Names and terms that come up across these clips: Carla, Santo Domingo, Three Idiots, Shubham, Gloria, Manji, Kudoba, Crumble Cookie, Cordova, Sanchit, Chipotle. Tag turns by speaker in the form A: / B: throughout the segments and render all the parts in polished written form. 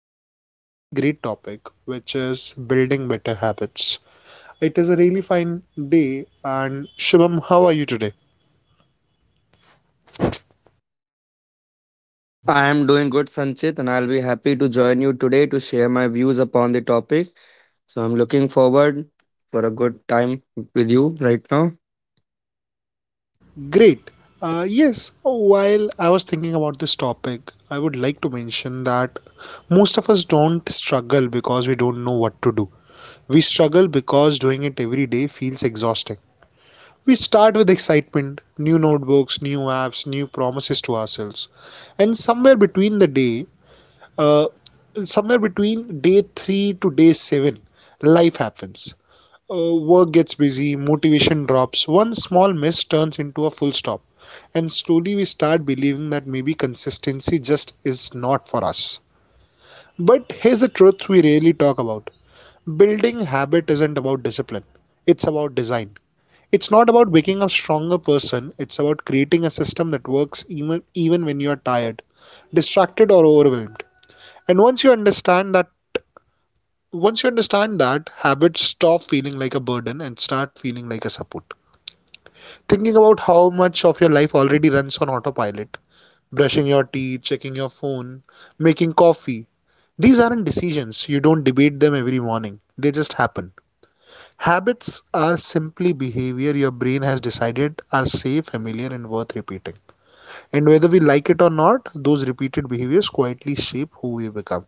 A: Discuss a really great topic, which is building better habits. It is a really fine day, and Shubham, how are you today?
B: I am doing good, Sanchit, and I'll be happy to join you today to share my views upon the topic. So I'm looking forward for a good time with you right now.
A: Great. Yes, while I was thinking about this topic, I would like to mention that most of us don't struggle because we don't know what to do. We struggle because doing it every day feels exhausting. We start with excitement, new notebooks, new apps, new promises to ourselves. And somewhere between Uh, somewhere between day three to day seven, life happens. Work gets busy, motivation drops. One small miss turns into a full stop, and slowly we start believing that maybe consistency just is not for us. But here's the truth we rarely talk about: building habit isn't about discipline, it's about design. It's not about becoming a stronger person, it's about creating a system that works even when you're tired, distracted, or overwhelmed. And once you understand that Once you understand that, habits stop feeling like a burden and start feeling like a support. Thinking about how much of your life already runs on autopilot, brushing your teeth, checking your phone, making coffee, these aren't decisions. You don't debate them every morning, they just happen. Habits are simply behavior your brain has decided are safe, familiar, and worth repeating. And whether we like it or not, those repeated behaviors quietly shape who we become.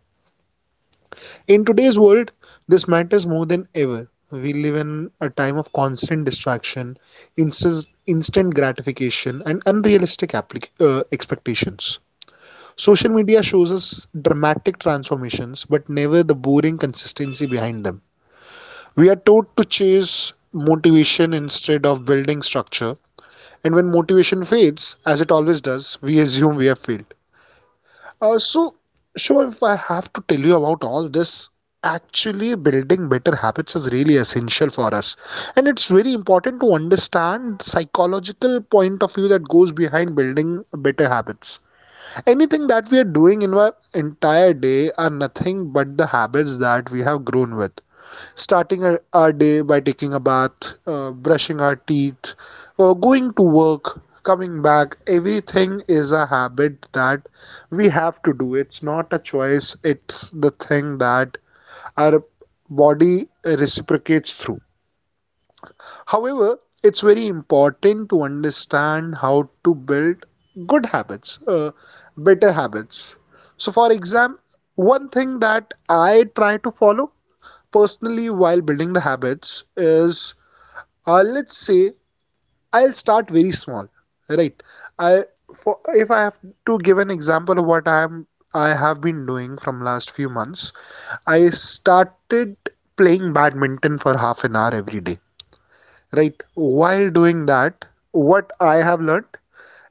A: In today's world, this matters more than ever. We live in a time of constant distraction, instant gratification, and unrealistic expectations. Social media shows us dramatic transformations, but never the boring consistency behind them. We are taught to chase motivation instead of building structure, and when motivation fades, as it always does, we assume we have failed. Uh, so, sure, if I have to tell you about all this, actually building better habits is really essential for us. And it's very important to understand the psychological point of view that goes behind building better habits. Anything that we are doing in our entire day are nothing but the habits that we have grown with, starting our day by taking a bath, brushing our teeth, going to work, coming back. Everything is a habit that we have to do. It's not a choice, it's the thing that our body reciprocates through. However, it's very important to understand how to build good habits, better habits. So, for example, one thing that I try to follow personally while building the habits is, let's say, I'll start very small, right? I for if I have to give an example of what I am I have been doing from last few months. I started playing badminton for half an hour every day, right? While doing that, what I have learned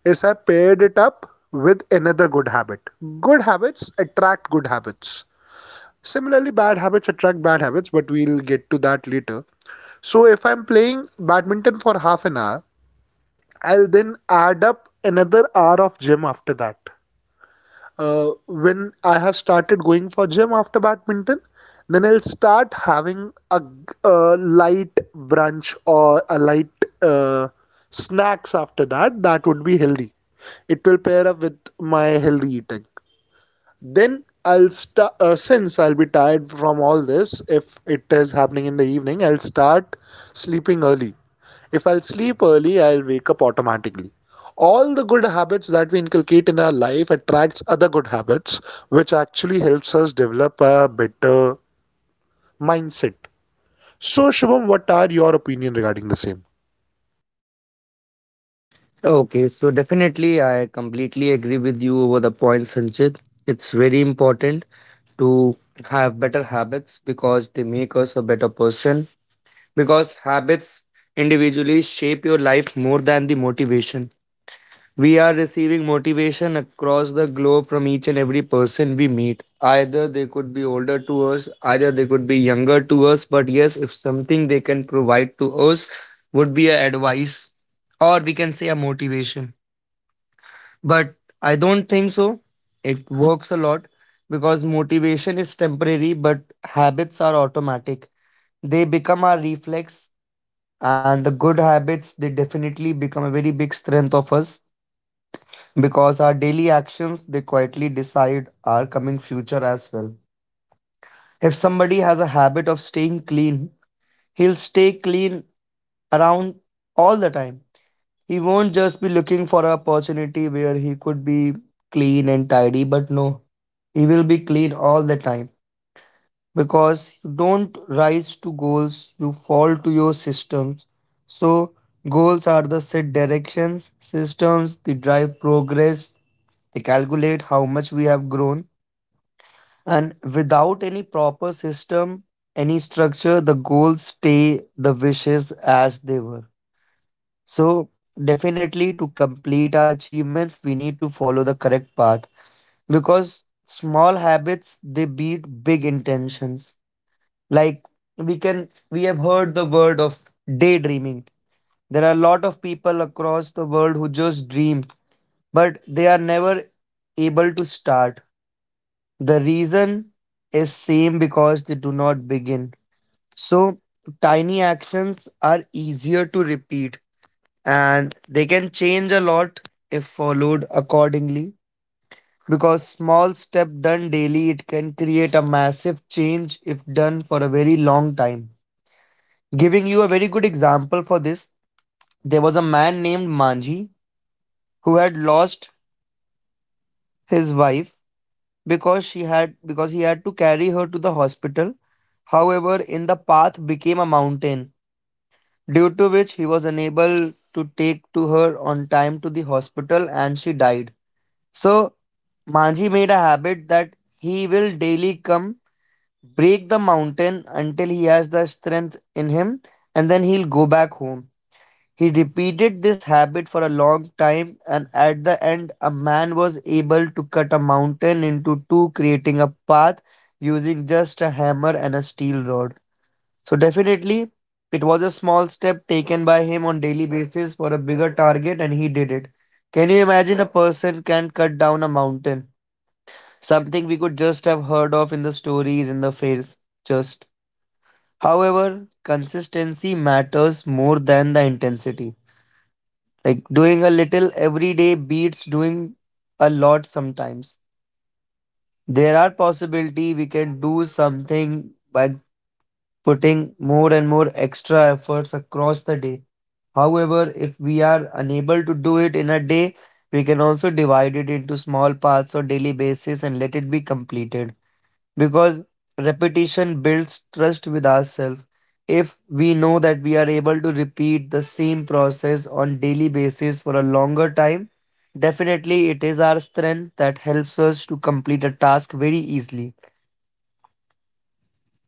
A: is I paired it up with another good habit. Good habits attract good habits. Similarly, bad habits attract bad habits, but we'll get to that later. So if I'm playing badminton for half an hour, I'll then add up another hour of gym after that. When I have started going for gym after badminton, then I'll start having a light brunch or a light snacks after that. That would be healthy. It will pair up with my healthy eating. Then I'll start, since I'll be tired from all this. If it is happening in the evening, I'll start sleeping early. If I'll sleep early, I'll wake up automatically. All the good habits that we inculcate in our life attracts other good habits, which actually helps us develop a better mindset. So, Shubham, what are your opinion regarding the same?
B: Okay, so definitely I completely agree with you over the point, Sanchit. It's very important to have better habits because they make us a better person. Because habits individually shape your life more than the motivation. We are receiving motivation across the globe from each and every person we meet. Either they could be older to us, either they could be younger to us. But yes, if something they can provide to us would be a advice or we can say a motivation. But I don't think so. It works a lot because motivation is temporary, but habits are automatic. They become our reflex, and the good habits, they definitely become a very big strength of us because our daily actions, they quietly decide our coming future as well. If somebody has a habit of staying clean, he'll stay clean around all the time. He won't just be looking for an opportunity where he could be clean and tidy, but no, he will be clean all the time because you don't rise to goals, you fall to your systems. So, goals are the set directions; systems, they drive progress, they calculate how much we have grown. And without any proper system, any structure, the goals stay the wishes as they were. So, definitely, to complete our achievements, we need to follow the correct path because small habits they beat big intentions. Like, we have heard the word of daydreaming. There are a lot of people across the world who just dream, but they are never able to start. The reason is same because they do not begin. So tiny actions are easier to repeat, and they can change a lot if followed accordingly, because small step done daily, it can create a massive change if done for a very long time. Giving you a very good example for this, there was a man named Manji who had lost his wife because she had because he had to carry her to the hospital. However, in the path became a mountain, due to which he was unable to take to her on time to the hospital and she died. So Manji made a habit that he will daily come break the mountain until he has the strength in him, and then he'll go back home. He repeated this habit for a long time, and at the end, a man was able to cut a mountain into two, creating a path using just a hammer and a steel rod. So, definitely, it was a small step taken by him on daily basis for a bigger target, and he did it. Can you imagine a person can cut down a mountain? Something we could just have heard of in the stories, in the fairs, just. However, consistency matters more than the intensity. Like, doing a little every day beats doing a lot sometimes. There are possibility we can do something by putting more and more extra efforts across the day. However, if we are unable to do it in a day, we can also divide it into small parts or daily basis and let it be completed because repetition builds trust with ourselves. If we know that we are able to repeat the same process on daily basis for a longer time, definitely it is our strength that helps us to complete a task very easily.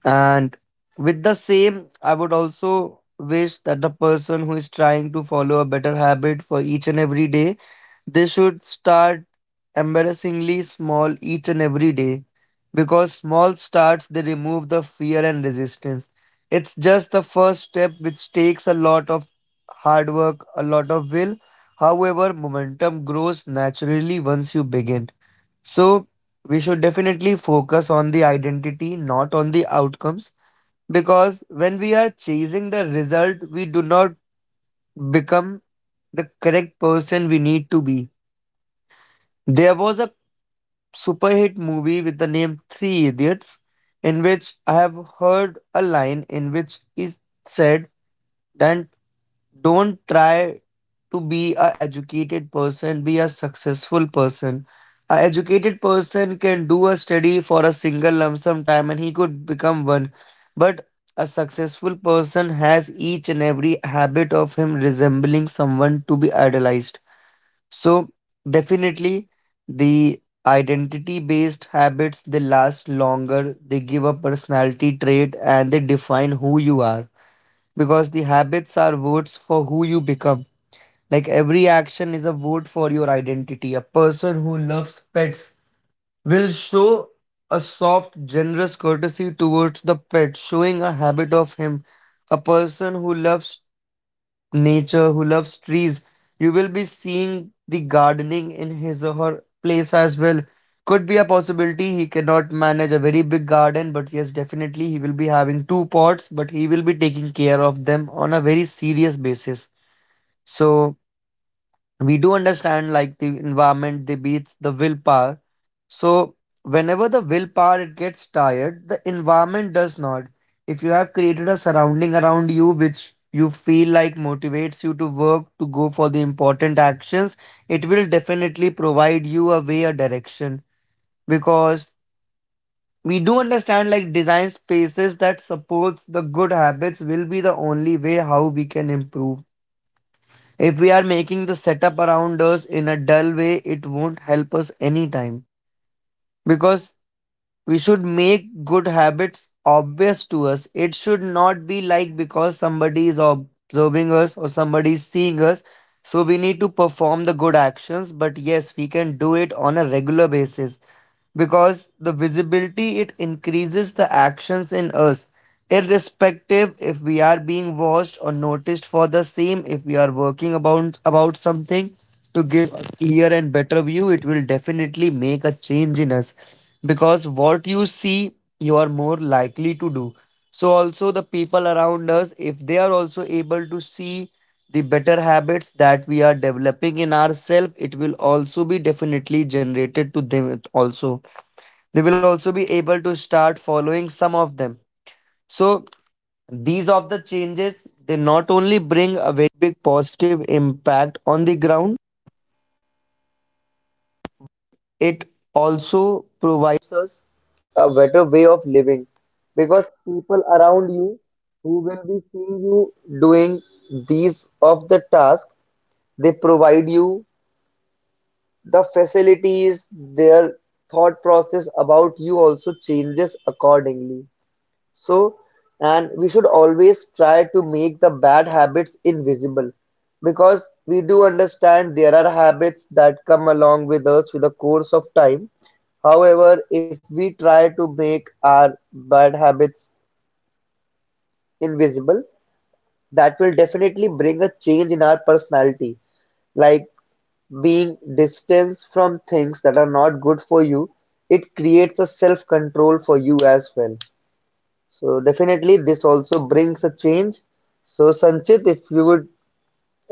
B: And with the same, I would also wish that the person who is trying to follow a better habit for each and every day, they should start embarrassingly small each and every day because small starts, they remove the fear and resistance. It's just the first step which takes a lot of hard work, a lot of will. However, momentum grows naturally once you begin. So we should definitely focus on the identity, not on the outcomes. Because when we are chasing the result, we do not become the correct person we need to be. There was a super hit movie with the name Three Idiots, in which I have heard a line in which is said that don't try to be a educated person, be a successful person. A educated person can do a study for a single lump sum time and he could become one. But a successful person has each and every habit of him resembling someone to be idolized. So definitely the identity based habits, they last longer, they give a personality trait, and they define who you are because the habits are votes for who you become. Like, every action is a vote for your identity. A person who loves pets will show a soft, generous courtesy towards the pet, showing a habit of him. A person who loves nature, who loves trees. You will be seeing the gardening in his or her place as well. Could be a possibility he cannot manage a very big garden, but yes, definitely he will be having two pots, but he will be taking care of them on a very serious basis. So we do understand like the environment, the beats, the willpower, so, whenever the willpower it gets tired, the environment does not. If you have created a surrounding around you which you feel like motivates you to work, to go for the important actions, it will definitely provide you a way, a direction. Because we do understand like design spaces that supports the good habits will be the only way how we can improve. If we are making the setup around us in a dull way, it won't help us anytime because we should make good habits obvious to us. It should not be like because somebody is observing us or somebody is seeing us, so we need to perform the good actions, but yes, we can do it on a regular basis because the visibility, it increases the actions in us, irrespective if we are being watched or noticed for the same. If we are working about something to give us clear and better view, it will definitely make a change in us because what you see, you are more likely to do. So also the people around us, if they are also able to see the better habits that we are developing in ourselves, it will also be definitely generated to them also. They will also be able to start following some of them. So these of the changes, they not only bring a very big positive impact on the ground, it also provides us a better way of living because people around you who will be seeing you doing these of the task, they provide you the facilities, their thought process about you also changes accordingly. So, and we should always try to make the bad habits invisible because we do understand there are habits that come along with us with the course of time. However, if we try to make our bad habits invisible, that will definitely bring a change in our personality. Like, being distanced from things that are not good for you, it creates a self control for you as well. So definitely this also brings a change. So Sanchit, if you would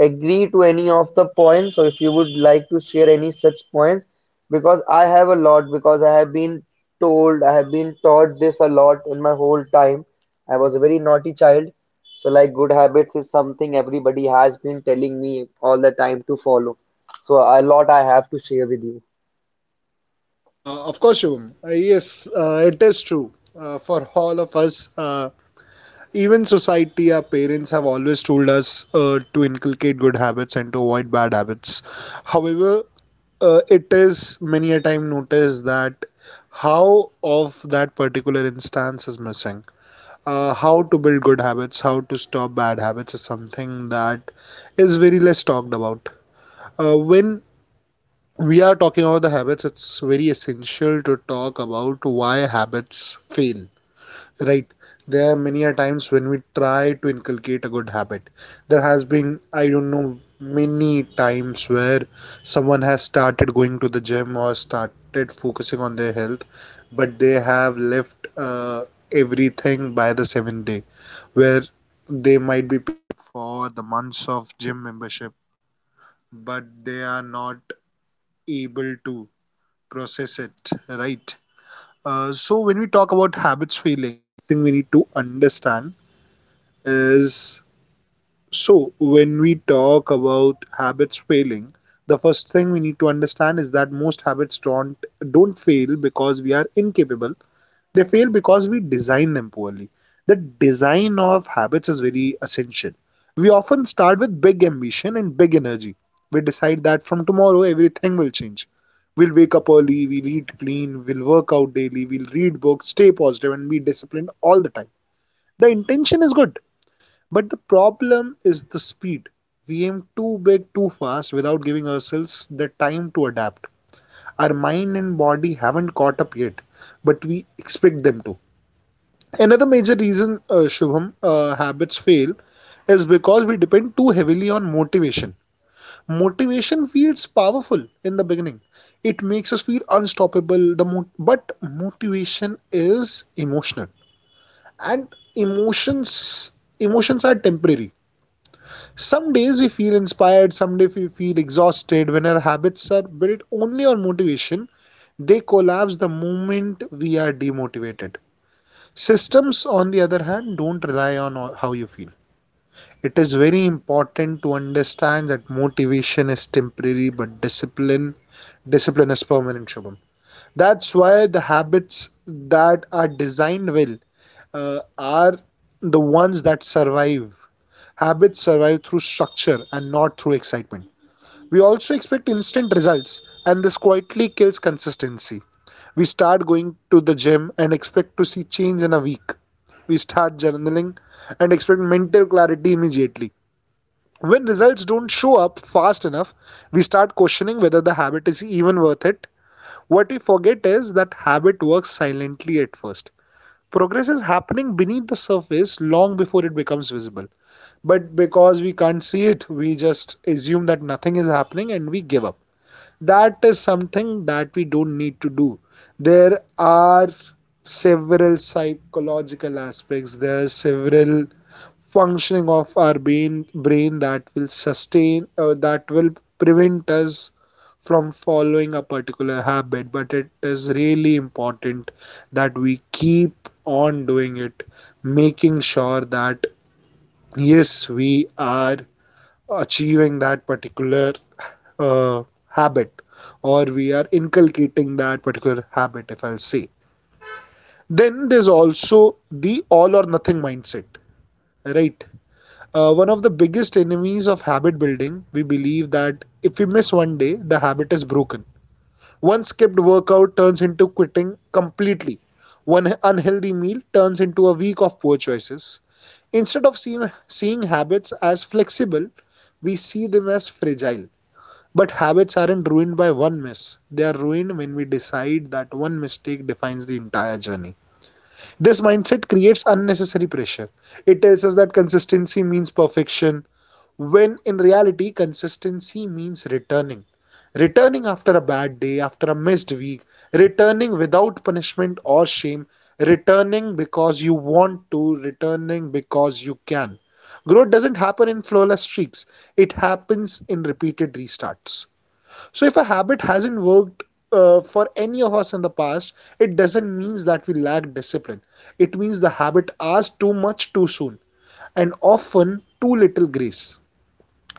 B: agree to any of the points or if you would like to share any such points, because I have a lot, because I have been told, I have been taught this a lot in my whole time. I was a very naughty child. So like, good habits is something everybody has been telling me all the time to follow. So a lot I have to share with you.
A: Of course, Shubham. Yes, it is true for all of us. Even society, our parents have always told us to inculcate good habits and to avoid bad habits. However, it is many a time noticed that how of that particular instance is missing. How to build good habits, how to stop bad habits is something that is very less talked about. When we are talking about the habits, it's very essential to talk about why habits fail, right? There are many a times when we try to inculcate a good habit. There has been, I don't know, many times where someone has started going to the gym or started focusing on their health, but they have left everything by the seventh day. Where is? So when we talk about habits failing, the first thing we need to understand is that most habits don't fail because we are incapable. They fail because we design them poorly. The design of habits is very essential. We often start with big ambition and big energy. We decide that from tomorrow everything will change. We'll wake up early, we'll eat clean, we'll work out daily, we'll read books, stay positive, and be disciplined all the time. The intention is good, but the problem is the speed. We aim too big too fast without giving ourselves the time to adapt. Our mind and body haven't caught up yet, but we expect them to. Another major reason, Shubham, habits fail is because we depend too heavily on motivation. Motivation feels powerful in the beginning. It makes us feel unstoppable. But motivation is emotional, and emotions emotions are temporary. Some days we feel inspired, some days we feel exhausted. When our habits are built only on motivation, they collapse the moment we are demotivated. Systems, on the other hand, don't rely on how you feel. It is very important to understand that motivation is temporary, but discipline is permanent, Shubham. That's why the habits that are designed well are the ones that survive. Habits survive through structure and not through excitement. We also expect instant results, and this quietly kills consistency. We start going to the gym and expect to see change in a week. We start journaling and expect mental clarity immediately. When results don't show up fast enough, we start questioning whether the habit is even worth it. What we forget is that habit works silently at first. Progress is happening beneath the surface long before it becomes visible. But because we can't see it, we just assume that nothing is happening and we give up. That is something that we don't need to do. There are several psychological aspects, there are several functioning of our brain that will sustain, that will prevent us from following a particular habit. But it is really important that we keep on doing it, making sure that yes, we are achieving that particular uh, habit, or we are inculcating that particular habit, if I'll say. Then there's also the all or nothing mindset, right? One of the biggest enemies of habit building: we believe that if we miss one day the habit is broken. One skipped workout turns into quitting completely, one unhealthy meal turns into a week of poor choices. Instead of seeing habits as flexible, we see them as fragile. But habits aren't ruined by one miss. They are ruined when we decide that one mistake defines the entire journey. This mindset creates unnecessary pressure. It tells us that consistency means perfection, when in reality, consistency means returning. Returning after a bad day, after a missed week, returning without punishment or shame, returning because you want to, returning because you can. Growth doesn't happen in flawless streaks, it happens in repeated restarts. So if a habit hasn't worked for any of us in the past, it doesn't mean that we lack discipline. It means the habit asks too much too soon, and often too little grace.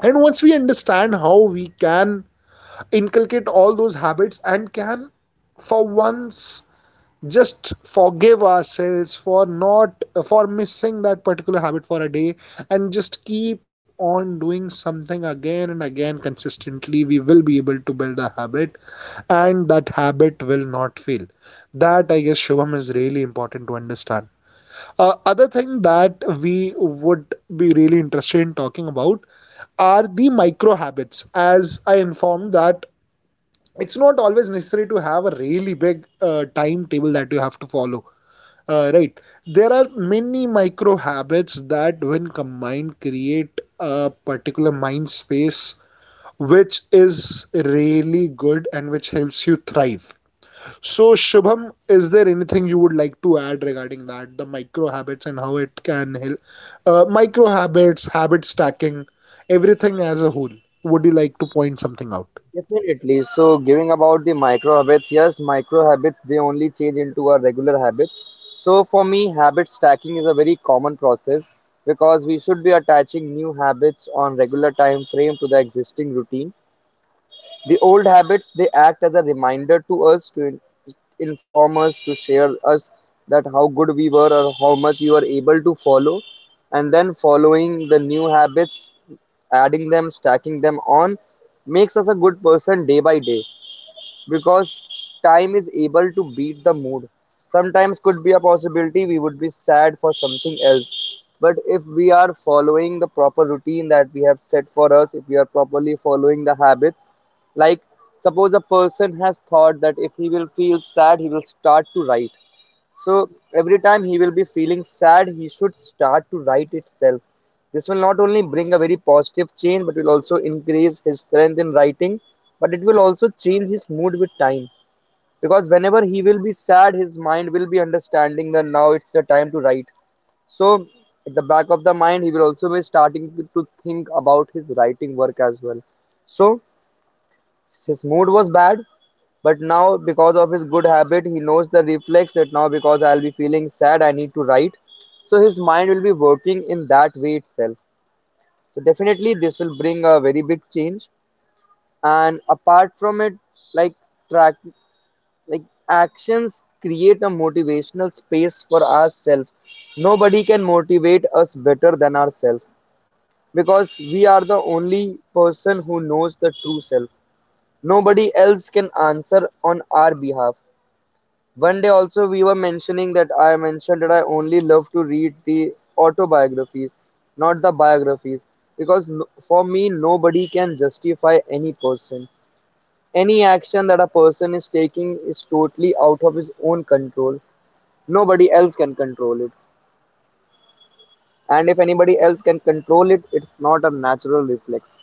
A: And once we understand how we can inculcate all those habits, and can for once just forgive ourselves for not for missing that particular habit for a day, and just keep on doing something again and again consistently, we will be able to build a habit, and that habit will not fail. That, I guess, Shubham, is really important to understand. Other thing that we would be really interested in talking about are the micro habits. As I informed, that it's not always necessary to have a really big timetable that you have to follow, right? There are many micro habits that when combined create a particular mind space which is really good and which helps you thrive. So, Shubham, is there anything you would like to add regarding that, the micro habits and how it can help? Micro habits, habit stacking, everything as a whole. Would you like to point something out?
B: Definitely. So, giving about the micro habits, yes, micro habits they only change into our regular habits. So, for me, habit stacking is a very common process because we should be attaching new habits on regular time frame to the existing routine. The old habits, they act as a reminder to us to inform us, to share us that how good we were or how much we were able to follow, and then following the new habits, adding them, stacking them on, makes us a good person day by day because time is able to beat the mood. Sometimes could be a possibility we would be sad for something else. But if we are following the proper routine that we have set for us, if we are properly following the habits, like, suppose a person has thought that if he will feel sad, he will start to write. So every time he will be feeling sad, he should start to write itself. This will not only bring a very positive change, but will also increase his strength in writing. But it will also change his mood with time. Because whenever he will be sad, his mind will be understanding that now it's the time to write. So at the back of the mind, he will also be starting to think about his writing work as well. So his mood was bad, but now because of his good habit, he knows the reflex that now because I'll be feeling sad, I need to write. So his mind will be working in that way itself. So definitely this will bring a very big change. And apart from it, like track like actions create a motivational space for ourselves. Nobody can motivate us better than ourselves because we are the only person who knows the true self. Nobody else can answer on our behalf. One day also we were mentioning that I mentioned that I only love to read the autobiographies, not the biographies, because no, for me nobody can justify any person. Any action that a person is taking is totally out of his own control. Nobody else can control it. And if anybody else can control it, it's not a natural reflex.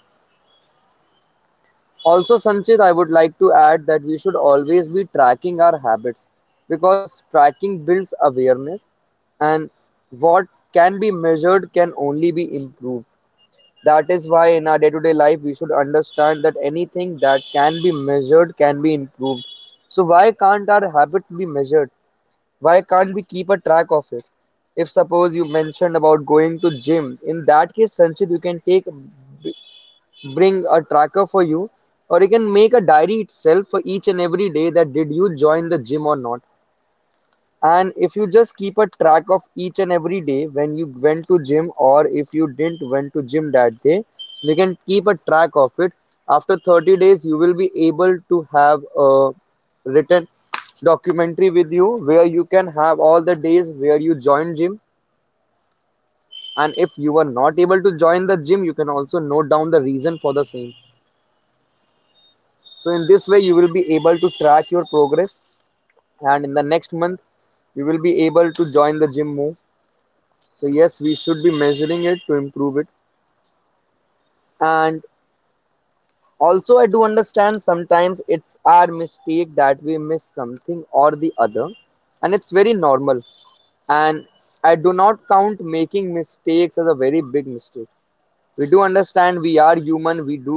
B: Also Sanchit, I would like to add that we should always be tracking our habits because tracking builds awareness and what can be measured can only be improved. That is why in our day to day life we should understand that anything that can be measured can be improved. So why can't our habits be measured? Why can't we keep a track of it? If suppose you mentioned about going to gym, in that case Sanchit you can take bring a tracker for you, or you can make a diary itself for each and every day that did you join the gym or not. And if you just keep a track of each and every day when you went to gym or if you didn't went to gym that day, you can keep a track of it. After 30 days you will be able to have a written documentary with you where you can have all the days where you joined gym, and if you were not able to join the gym you can also note down the reason for the same. So in this way, you will be able to track your progress, and in the next month, you will be able to join the gym more. So yes, we should be measuring it to improve it. And also, I do understand sometimes it's our mistake that we miss something or the other, and it's very normal. And I do not count making mistakes as a very big mistake. We do understand we are human, we do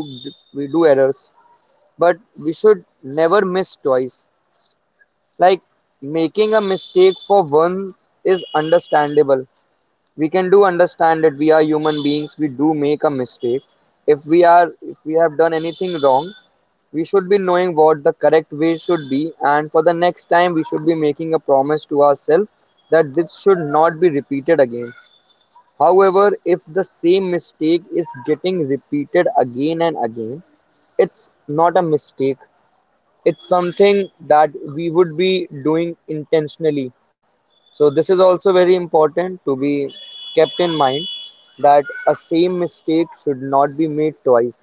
B: we do errors, but we should never miss twice. Like, making a mistake for once is understandable. We can do understand that we are human beings, we do make a mistake. If we have done anything wrong, we should be knowing what the correct way should be, and for the next time we should be making a promise to ourselves that this should not be repeated again. However, if the same mistake is getting repeated again and again, it's not a mistake, it's something that we would be doing intentionally. So this is also very important to be kept in mind that a same mistake should not be made twice.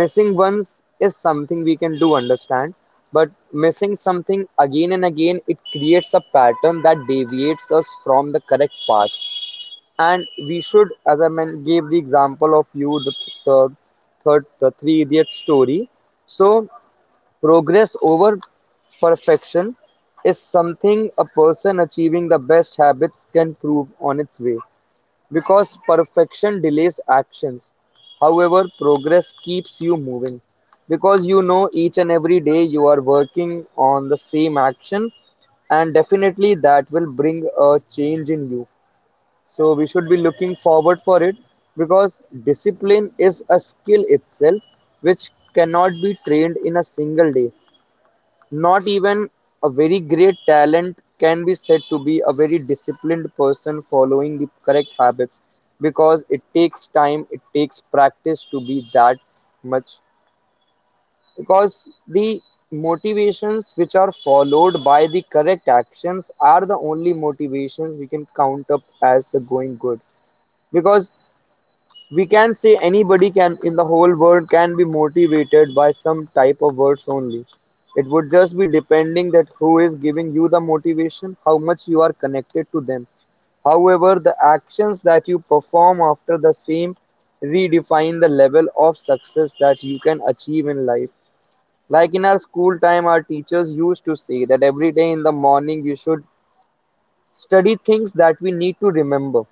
B: Missing once is something we can do understand, but missing something again and again, it creates a pattern that deviates us from the correct path. And we should, as gave the example of you the, th- the third the three idiot story. So progress over perfection is something a person achieving the best habits can prove on its way, because perfection delays actions. However, progress keeps you moving because you know each and every day you are working on the same action, and definitely that will bring a change in you. So we should be looking forward for it, because discipline is a skill itself which cannot be trained in a single day. Not even a very great talent can be said to be a very disciplined person following the correct habits, because it takes time, it takes practice to be that much. Because the motivations which are followed by the correct actions are the only motivations we can count up as the going good. Because we can say anybody can in the whole world can be motivated by some type of words only. It would just be depending that who is giving you the motivation, how much you are connected to them. However, the actions that you perform after the same redefine the level of success that you can achieve in life. Like in our school time, our teachers used to say that every day in the morning we should study things that we need to remember.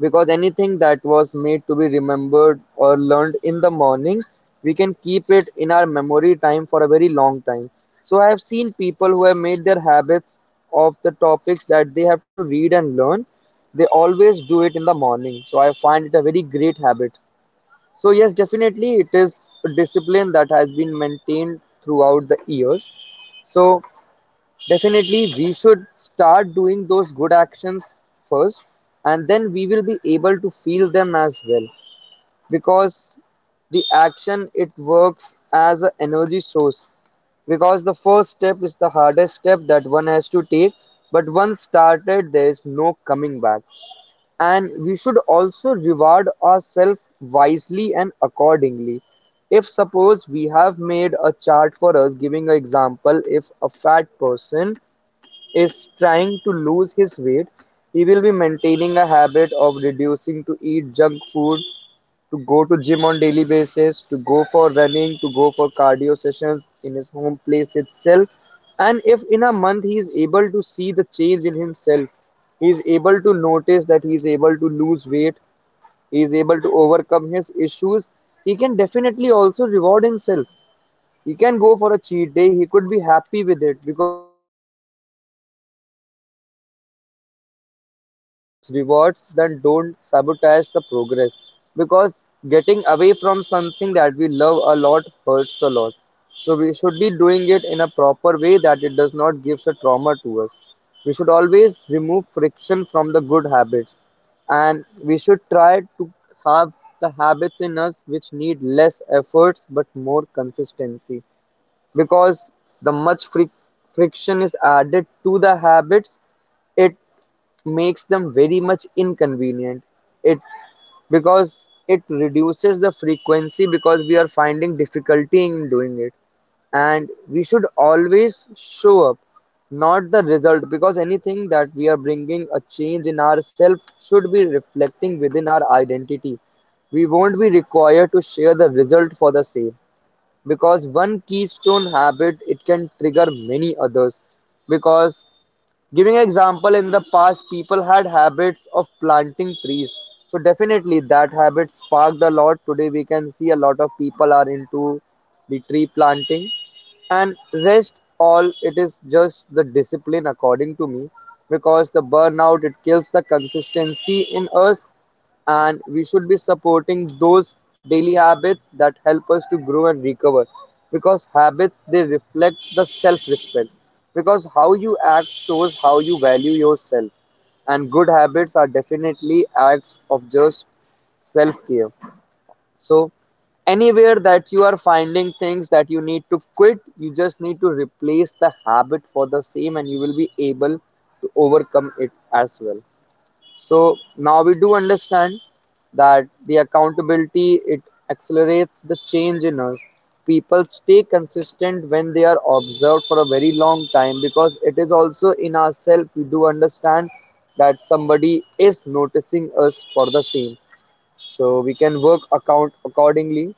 B: Because anything that was made to be remembered or learned in the morning, we can keep it in our memory time for a very long time. So I have seen people who have made their habits of the topics that they have to read and learn. They always do it in the morning. So I find it a very great habit. So yes, definitely it is a discipline that has been maintained throughout the years. So definitely, we should start doing those good actions first, and then we will be able to feel them as well. Because the action it works as an energy source. Because the first step is the hardest step that one has to take, but once started, there is no coming back. And we should also reward ourselves wisely and accordingly. If suppose we have made a chart for us, giving an example, if a fat person is trying to lose his weight, he will be maintaining a habit of reducing to eat junk food, to go to gym on daily basis, to go for running, to go for cardio sessions in his home place itself. And if in a month he is able to see the change in himself, he is able to notice that he is able to lose weight, he is able to overcome his issues, he can definitely also reward himself. He can go for a cheat day, he could be happy with it, because I do understand, but it is very important to choose rewards that don't sabotage the progress, because getting away from something that we love a lot hurts a lot. So we should be doing it in a proper way that it does not give a trauma to us. We should always remove friction from the good habits, and we should try to have the habits in us which need less efforts but more consistency, because the much friction is added to the habits, it makes them very much inconvenient. It, because it reduces the frequency because we are finding difficulty in doing it. And we should always show up, not the result, because anything that we are bringing a change in ourselves should be reflecting within our identity. We won't be required to share the result for the same, because one keystone habit it can trigger many others. Because giving example, in the past people had habits of planting trees, so definitely that habit sparked a lot. Today we can see a lot of people are into the tree planting. And rest all it is just the discipline according to me, because the burnout it kills the consistency in us, and we should be supporting those daily habits that help us to grow and recover. Because habits they reflect the self respect, because how you act shows how you value yourself, and good habits are definitely acts of just self care. So anywhere that you are finding things that you need to quit, you just need to replace the habit for the same and you will be able to overcome it as well. So now we do understand that the accountability it accelerates the change in us. People stay consistent when they are observed for a very long time, because it is also in ourselves we do understand that somebody is noticing us for the same. So we can work account accordingly.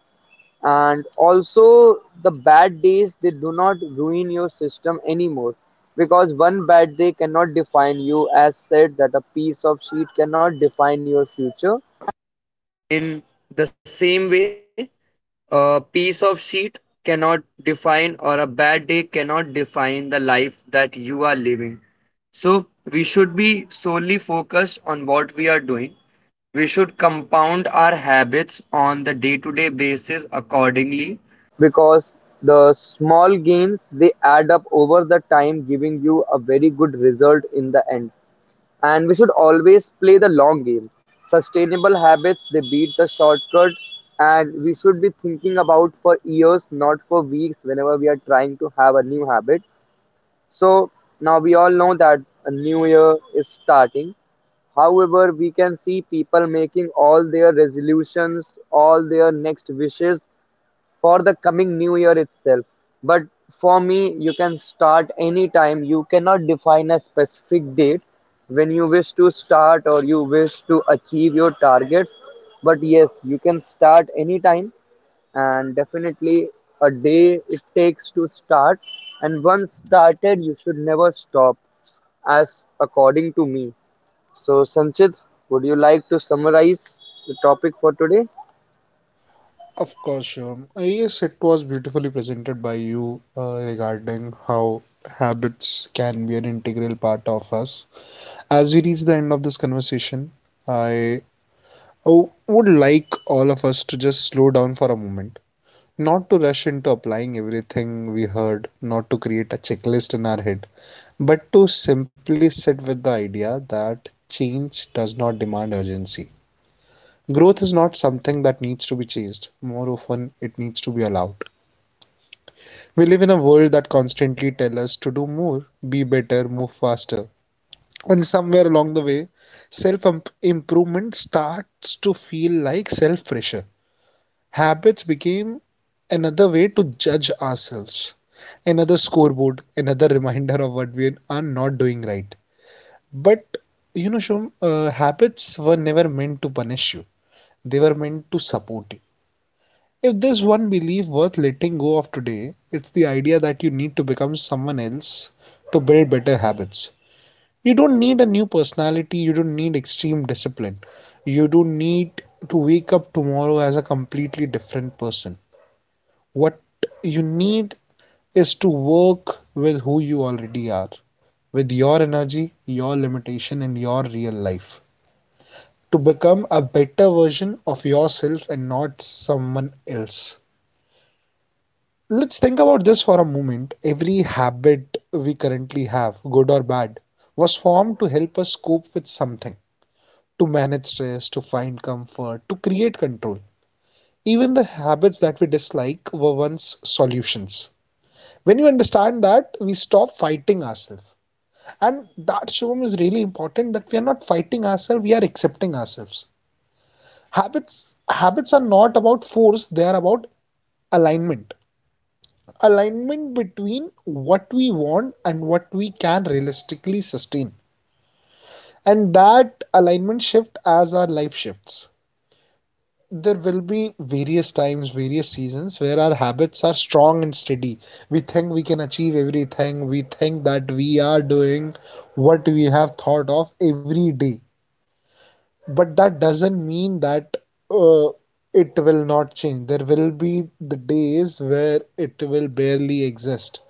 B: And also the bad days they do not ruin your system anymore, because one bad day cannot define you, as said that a piece of sheet cannot. Hence they add up over the time giving you a very good result in the end. And we should always play the long game. Sustainable habits they beat the shortcut, and we should be about for years not for weeks whenever we are trying to have a new habit. So now we all know that a new year is starting. However, we can see people making all their resolutions, all their next wishes for the coming new year itself. But for me, you can start anytime. You cannot define a specific date when you wish to start or you wish to achieve your targets. But yes, you can start anytime, and definitely a day it takes to start, and once started you should never stop, as according to me. So Sanchit, would you like to summarize the topic for today?
A: Of course, Shubham. Yes, it was beautifully presented by you regarding how habits can be an integral part of us. As we reach the end of this conversation, I oh, would like all of us to just slow down for a moment. Not to rush into applying everything we heard, not to create a checklist in our head, but to simply sit with the idea that change does not demand urgency. Growth is not something that needs to be chased, more often, it needs to be allowed. We live in a world that constantly tells us to do more, be better, move faster. And somewhere along the way, self improvement starts to feel like self pressure. Habits became another way to judge ourselves, another scoreboard, another reminder of what we are not doing right. But you know, Shom, habits were never meant to punish you, they were meant to support you. If there's one belief worth letting go of today, it's the idea that you need to become someone else to build better habits. You don't need a new personality, you don't need extreme discipline, you don't need to wake up tomorrow as a completely different person. What you need is to work with who you already are, with your energy, your limitation, and your real life, to become a better version of yourself and not someone else. Let's think about this for a moment. Every habit we currently have, good or bad, was formed to help us cope with something, to manage stress, to find comfort, to create control. Even the habits that we dislike were once solutions. When you understand that, we stop fighting ourselves. And that, shivam, is really important, that we are not fighting ourselves, we are accepting ourselves. Habits are not about force, they are about alignment. Alignment between what we want and what we can realistically sustain. And that alignment shift as our life shifts. There will be various times, various seasons where our habits are strong and steady. We think we can achieve everything. We think that we are doing what we have thought of every day, but that doesn't mean that uh, it will not change. There will be the days where it will barely exist,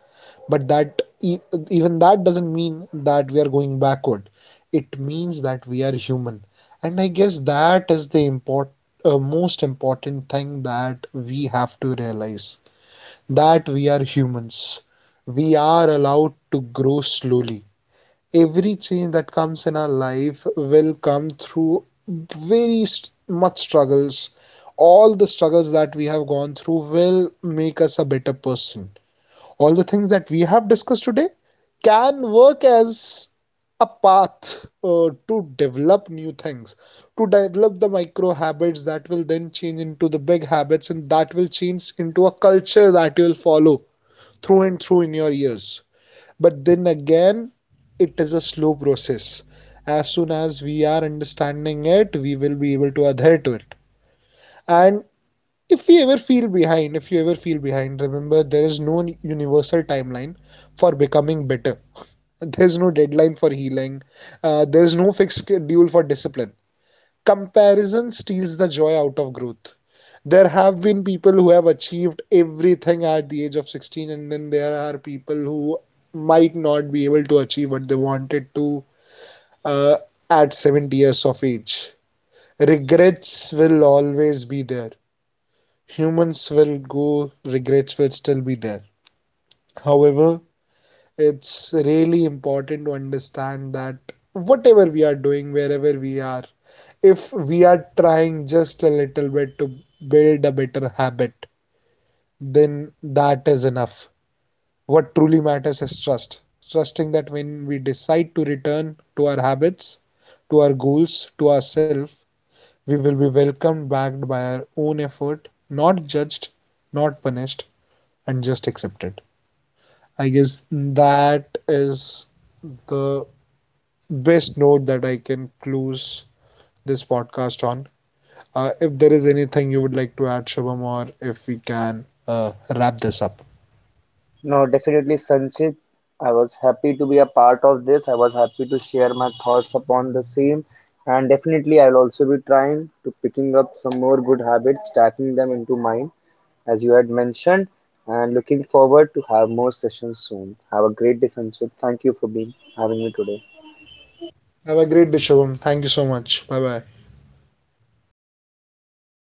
A: but even that doesn't mean that we are going backward. It means that we are human, and I guess that is the most important thing that we have to realize, that we are humans. We are allowed to grow slowly. Every change that comes in our life will come through very much struggles. All the struggles that we have gone through will make us a better person. All the things that we have discussed today can work as a path to develop new things, to develop the micro habits that will then change into the big habits, and that will change into a culture that you'll follow through and through in your years. But then again, it is a slow process. As soon as we are understanding it, we will be able to adhere to it. And if we ever feel behind, if you ever feel behind, remember there is no universal timeline for becoming better. There's no deadline for healing. There's no fixed schedule for discipline. Comparison steals the joy out of growth. There have been people who have achieved everything at the age of 16, and then there are people who might not be able to achieve what they wanted to, uh, at 70 years of age. Regrets will always be there, humans will go, regrets will still be there. However, it's really important to understand that whatever we are doing, wherever we are, if we are trying just a little bit to build a better habit, then that is enough. What truly matters is trust. Trusting that when we decide to return to our habits, to our goals, to ourselves, we will be welcomed backed by our own effort, not judged, not punished, and just accepted. I guess that is the best note that I can close this podcast on. If there is anything you would like to add, Shubham, or if we can wrap this up.
B: No, definitely, Sanchit. I was happy to be a part of this. I was happy to share my thoughts upon the same. And definitely, I'll also be trying to picking up some more good habits, stacking them into mine, as you had mentioned. And looking forward to have more sessions soon. Have a great day, Sanchit. Thank you for being having me today.
A: Have a great day, Shubham. Thank you so much. Bye bye.